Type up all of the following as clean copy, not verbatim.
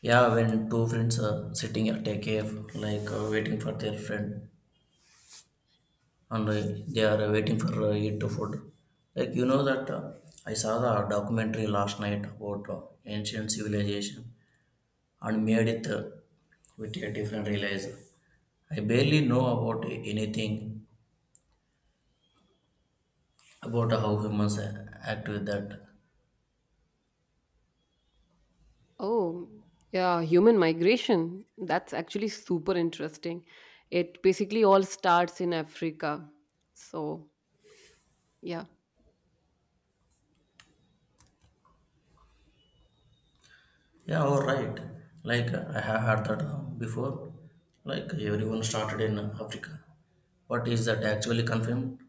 Yeah, when two friends are sitting at a cave, waiting for their friend, and they are waiting for it to food. Like you know that I saw the documentary last night about ancient civilization and made it with a different realism. I barely know about anything about how humans act with that. Oh, yeah, human migration. That's actually super interesting. It basically all starts in Africa. So, yeah. Yeah, all right. I have heard that before. Like everyone started in Africa. But is that actually confirmed?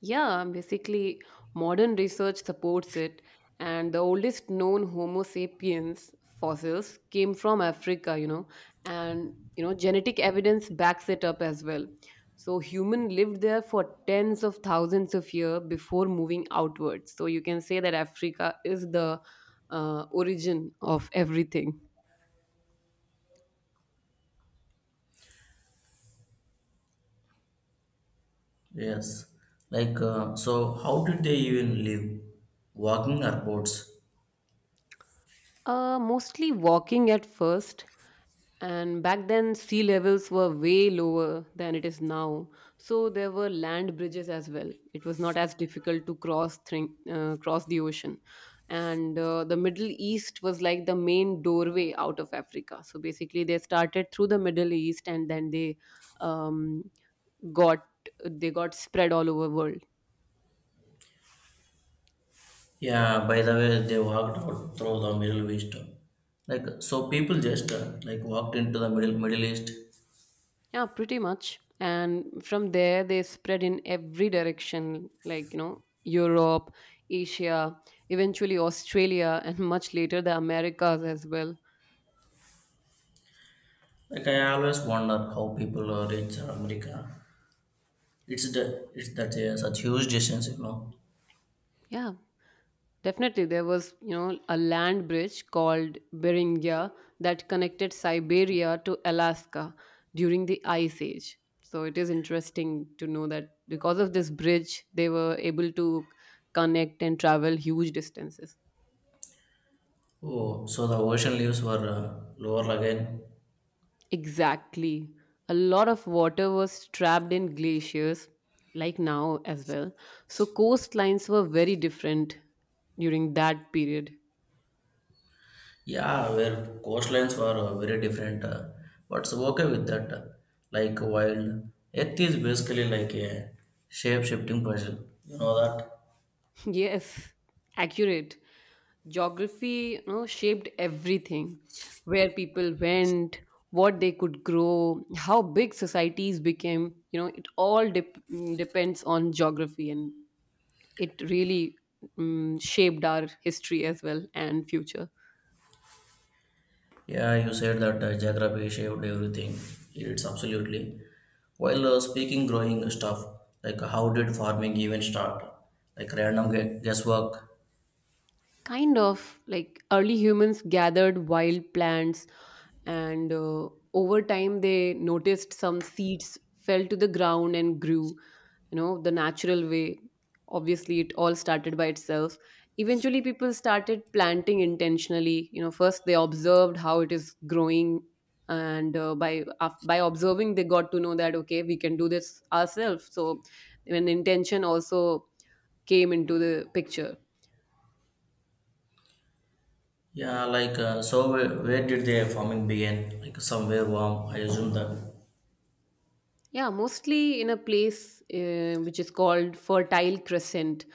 Yeah, basically, modern research supports it, and the oldest known Homo sapiens fossils came from Africa, and genetic evidence backs it up as well. So, human lived there for tens of thousands of years before moving outwards. So, you can say that Africa is the origin of everything. Yes. So how did they even live? Walking or boats? Mostly walking at first, and back then sea levels were way lower than it is now, so there were land bridges as well. It was not as difficult to cross the ocean. And the Middle East was like the main doorway out of Africa, so basically they started through the Middle East and then they um, got they got spread all over world. Yeah, by the way, they walked out through the Middle East. Like, so people just like walked into the Middle East. Yeah, pretty much. And from there, they spread in every direction, like, you know, Europe, Asia, eventually Australia, and much later the Americas as well. Like, I always wonder how people reach America. It's that such huge distance, you know. Yeah, definitely. There was, you know, a land bridge called Beringia that connected Siberia to Alaska during the Ice Age. So it is interesting to know that because of this bridge, they were able to connect and travel huge distances. Oh, so the ocean leaves were lower again. Exactly. A lot of water was trapped in glaciers, like now as well. So coastlines were very different during that period. Yeah, where coastlines were very different, but it's okay with that. Like wild, Earth is basically like a shape-shifting puzzle. You know that? Yes, accurate. Geography, you know, shaped everything. Where people went, what they could grow, how big societies became. You know, it all depends on geography, and it really shaped our history as well and future. Yeah, you said that geography shaped everything. It's absolutely. While speaking growing stuff, like how did farming even start? Like random guesswork. Kind of like early humans gathered wild plants, and over time they noticed some seeds fell to the ground and grew, you know, the natural way. Obviously, it all started by itself. Eventually, people started planting intentionally. You know, first they observed how it is growing, and by observing, they got to know that okay, we can do this ourselves. So, an intention also came into the picture. Yeah, so where did the farming begin? Like somewhere warm, I assume that. Yeah, mostly in a place which is called Fertile Crescent,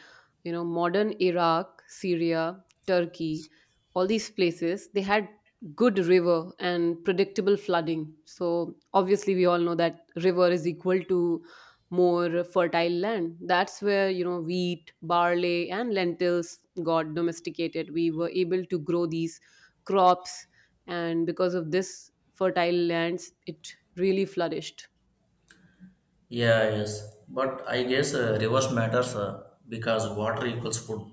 you know, modern Iraq, Syria, Turkey, all these places, they had good river and predictable flooding. So obviously we all know that river is equal to more fertile land. That's where, you know, wheat, barley and lentils got domesticated. We were able to grow these crops, and because of this fertile lands, it really flourished. Yeah, yes, but I guess reverse matters, because water equals food.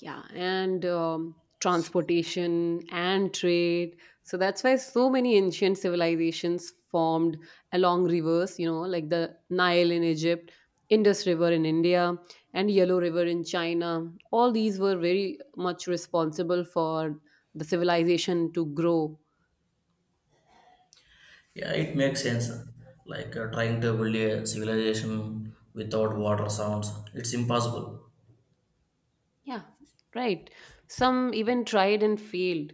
Yeah, and transportation and trade. So that's why so many ancient civilizations formed along rivers, you know, like the Nile in Egypt, Indus River in India, and Yellow River in China. All these were very much responsible for the civilization to grow. Yeah, it makes sense. Trying to build a civilization without water sounds it's impossible. Yeah, right. Some even tried and failed.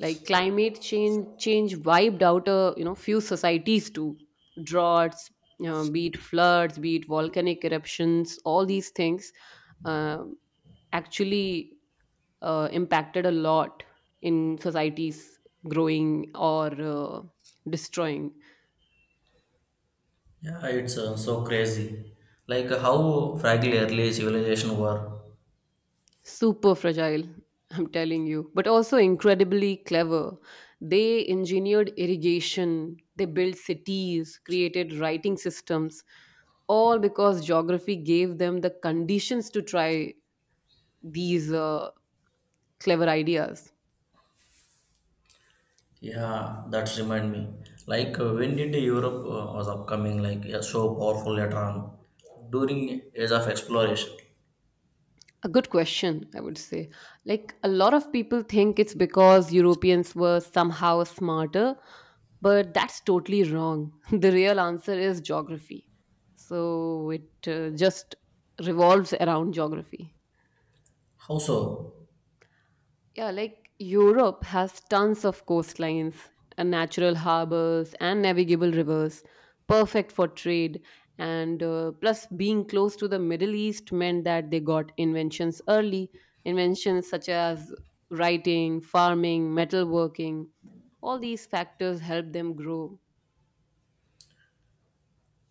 Like climate change wiped out a, you know, few societies too. Droughts, you know, be it floods, be it volcanic eruptions, all these things uh, actually impacted a lot in societies growing or destroying. Yeah, it's so crazy. How fragile early civilization were. Super fragile, I'm telling you, but also incredibly clever. They engineered irrigation, they built cities, created writing systems, all because geography gave them the conditions to try these clever ideas. Yeah, that remind me. When did Europe was upcoming? Like yeah, so powerful later on during age of exploration. A good question, I would say. Like a lot of people think it's because Europeans were somehow smarter, but that's totally wrong. The real answer is geography. So it just revolves around geography. How so? Yeah, like Europe has tons of coastlines and natural harbors and navigable rivers, perfect for trade. And plus, being close to the Middle East meant that they got inventions early, inventions such as writing, farming, metalworking. All these factors helped them grow.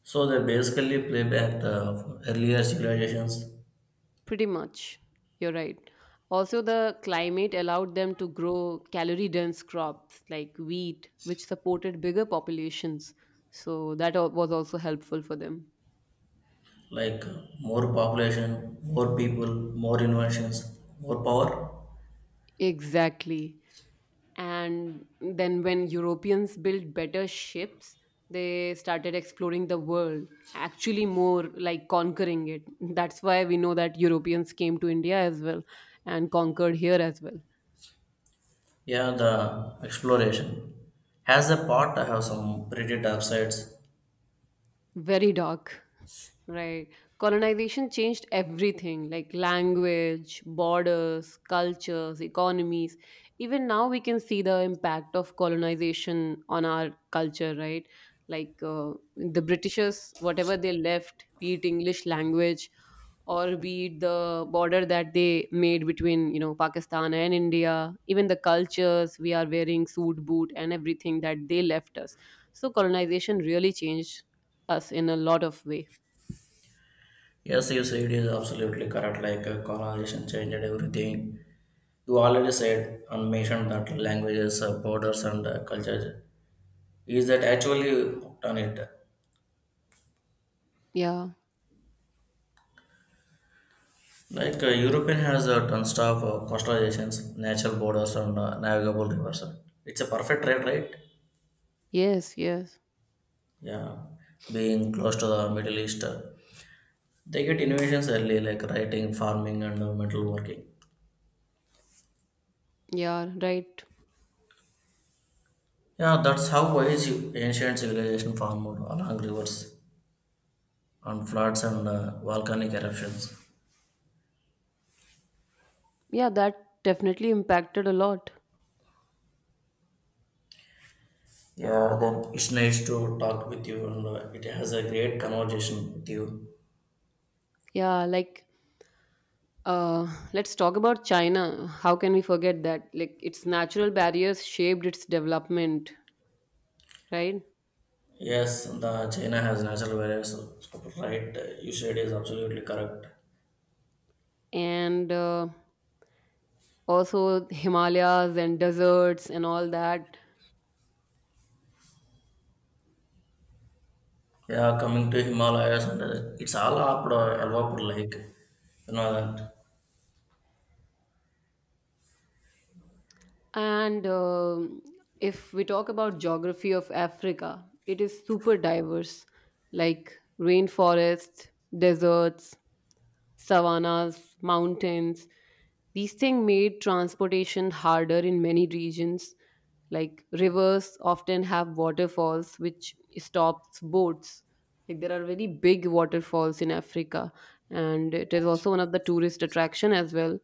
So they basically play back the earlier civilizations, Pretty much. You're right. Also, the climate allowed them to grow calorie dense crops like wheat, which supported bigger populations. So, that was also helpful for them. More population, more people, more inventions, more power. Exactly. And then, when Europeans built better ships, they started exploring the world, actually, more like conquering it. That's why we know that Europeans came to India as well and conquered here as well. Yeah, the exploration has a part. I have some pretty dark sides. Very dark. Right. Colonization changed everything, like language, borders, cultures, economies. Even now, we can see the impact of colonization on our culture, right? Like the Britishers, whatever they left, be it English language or be it the border that they made between, you know, Pakistan and India, even the cultures, we are wearing suit, boot, and everything that they left us. So colonization really changed us in a lot of ways. Yes, you said it is absolutely correct. Colonization changed everything. You already said and mentioned that languages, borders, and cultures is that actually done it. Yeah. European has tons of coastalizations, natural borders, and navigable rivers. It's a perfect trade, right? Yes, yes. Yeah, being close to the Middle East, they get innovations early, like writing, farming, and metal working. Yeah, right. Yeah, that's how wise ancient civilization formed along rivers and floods and volcanic eruptions. Yeah, that definitely impacted a lot. Yeah, then it's nice to talk with you, and it has a great conversation with you. Yeah, like let's talk about China. How can we forget that? Like its natural barriers shaped its development, right? Yes, the China has natural barriers, right? You said is absolutely correct. And also Himalayas and deserts and all that. Yeah, coming to Himalayas, and it's all up Alvapur Lake, you know that. And if we talk about geography of Africa, it is super diverse, like rainforests, deserts, savannas, mountains. These things made transportation harder in many regions. Like rivers often have waterfalls which stops boats. Like there are very big waterfalls in Africa, and it is also one of the tourist attraction as well.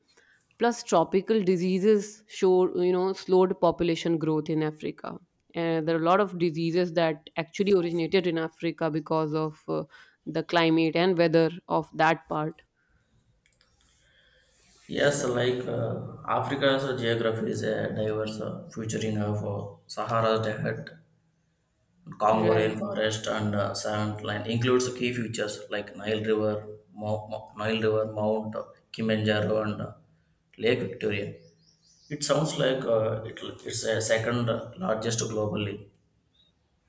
Plus, tropical diseases show, you know, slowed population growth in Africa. And there are a lot of diseases that actually originated in Africa because of the climate and weather of that part. Yes, So, Africa's geography is a diverse, featuring of Sahara Desert, Congo right. rainforest, and sand line. Includes key features like Nile River, Nile River, Mount Kilimanjaro, and Lake Victoria. It sounds like it's a second largest globally.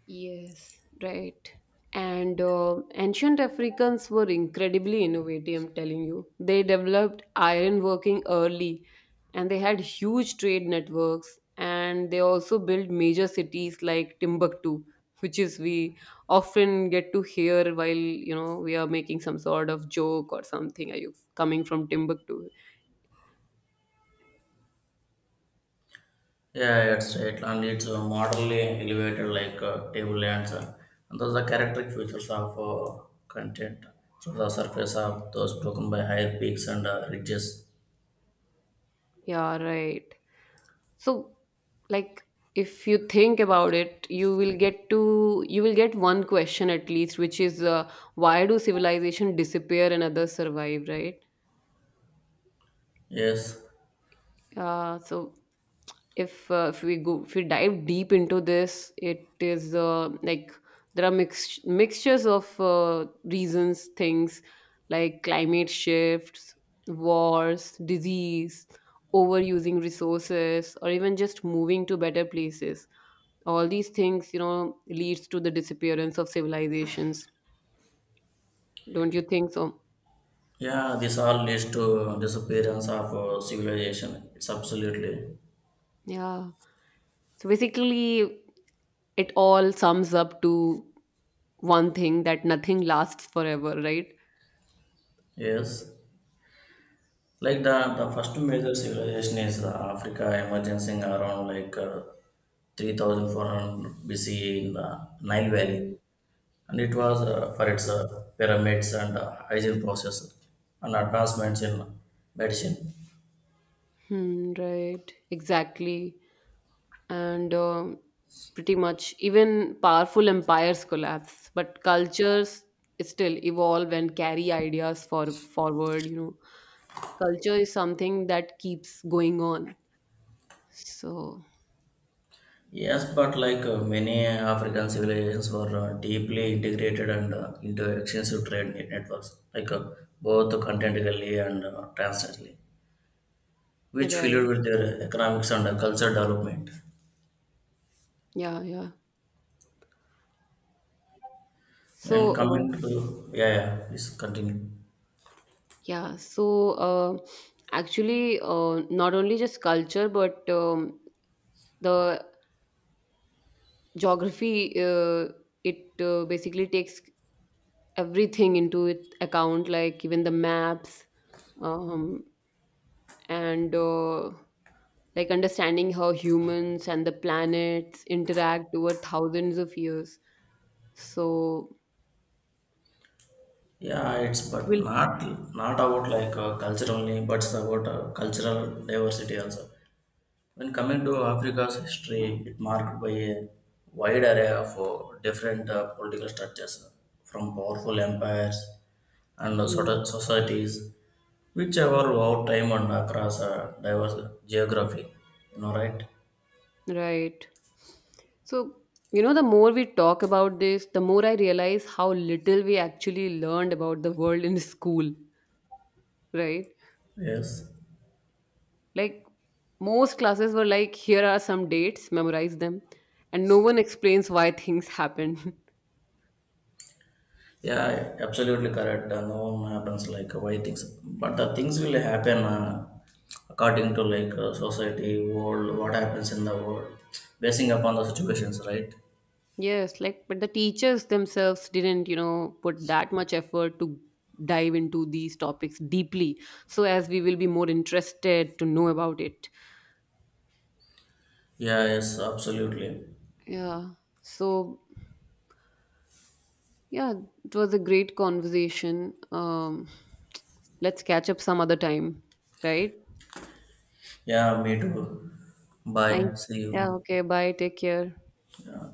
Yes, right. And ancient Africans were incredibly innovative, I'm telling you. They developed iron working early, and they had huge trade networks, and they also built major cities like Timbuktu, which is we often get to hear while, you know, we are making some sort of joke or something. Are you coming from Timbuktu? Yeah, it's right, and it's moderately elevated like table lands, and those are characteristic features of content. So the surface of those broken by higher peaks and ridges. Yeah, right. So, like, if you think about it, you will get one question at least, which is why do civilization disappear and others survive, right? Yes, Uh, so if we dive deep into this, it is like there are mixtures of reasons, things like climate shifts, wars, disease, overusing resources, or even just moving to better places. All these things, you know, leads to the disappearance of civilizations, don't you think so? yeah, this all leads to disappearance of civilization. It's absolutely Yeah, so basically it all sums up to one thing, that nothing lasts forever, right? yes. Like the first major civilization is Africa emerging around 3400 B.C. in the Nile Valley. Mm. And it was for its pyramids and hygiene process and advancements in medicine. Hmm, right, exactly. And pretty much even powerful empires collapse, but cultures still evolve and carry ideas for forward, you know. Culture is something that keeps going on, so, Yes, but many African civilizations were deeply integrated and into extensive trade networks, both continentally and transnationally, which filled right. with their economics and cultural development. Yeah, yeah. So, And coming uh, to yeah, yeah, please continue. yeah, so uh, actually, not only just culture, but the geography, it basically takes everything into it account, like even the maps, um, and like understanding how humans and the planets interact over thousands of years. So Yeah, it's it but will, not about culture only, but it's about cultural diversity also. When coming to Africa's history, it marked by a wide array of different political structures, from powerful empires and sort Mm, of societies, which evolve over time and across diverse geography. You know, right? right. So, you know, the more we talk about this, the more I realize how little we actually learned about the world in school, right? Yes. Like, most classes were like, here are some dates, memorize them. And no one explains why things happen. Yeah, absolutely correct. No one happens why things, but the things will happen according to society, world, what happens in the world, basing upon the situations, right? Yes, like, but the teachers themselves didn't, you know, put that much effort to dive into these topics deeply. So, as we will be more interested to know about it. Yeah, yes, absolutely. Yeah. So, yeah, it was a great conversation. Let's catch up some other time, right? Yeah, me too. Bye. Thank. See Yeah. you. Okay. Bye. Take care. Yeah.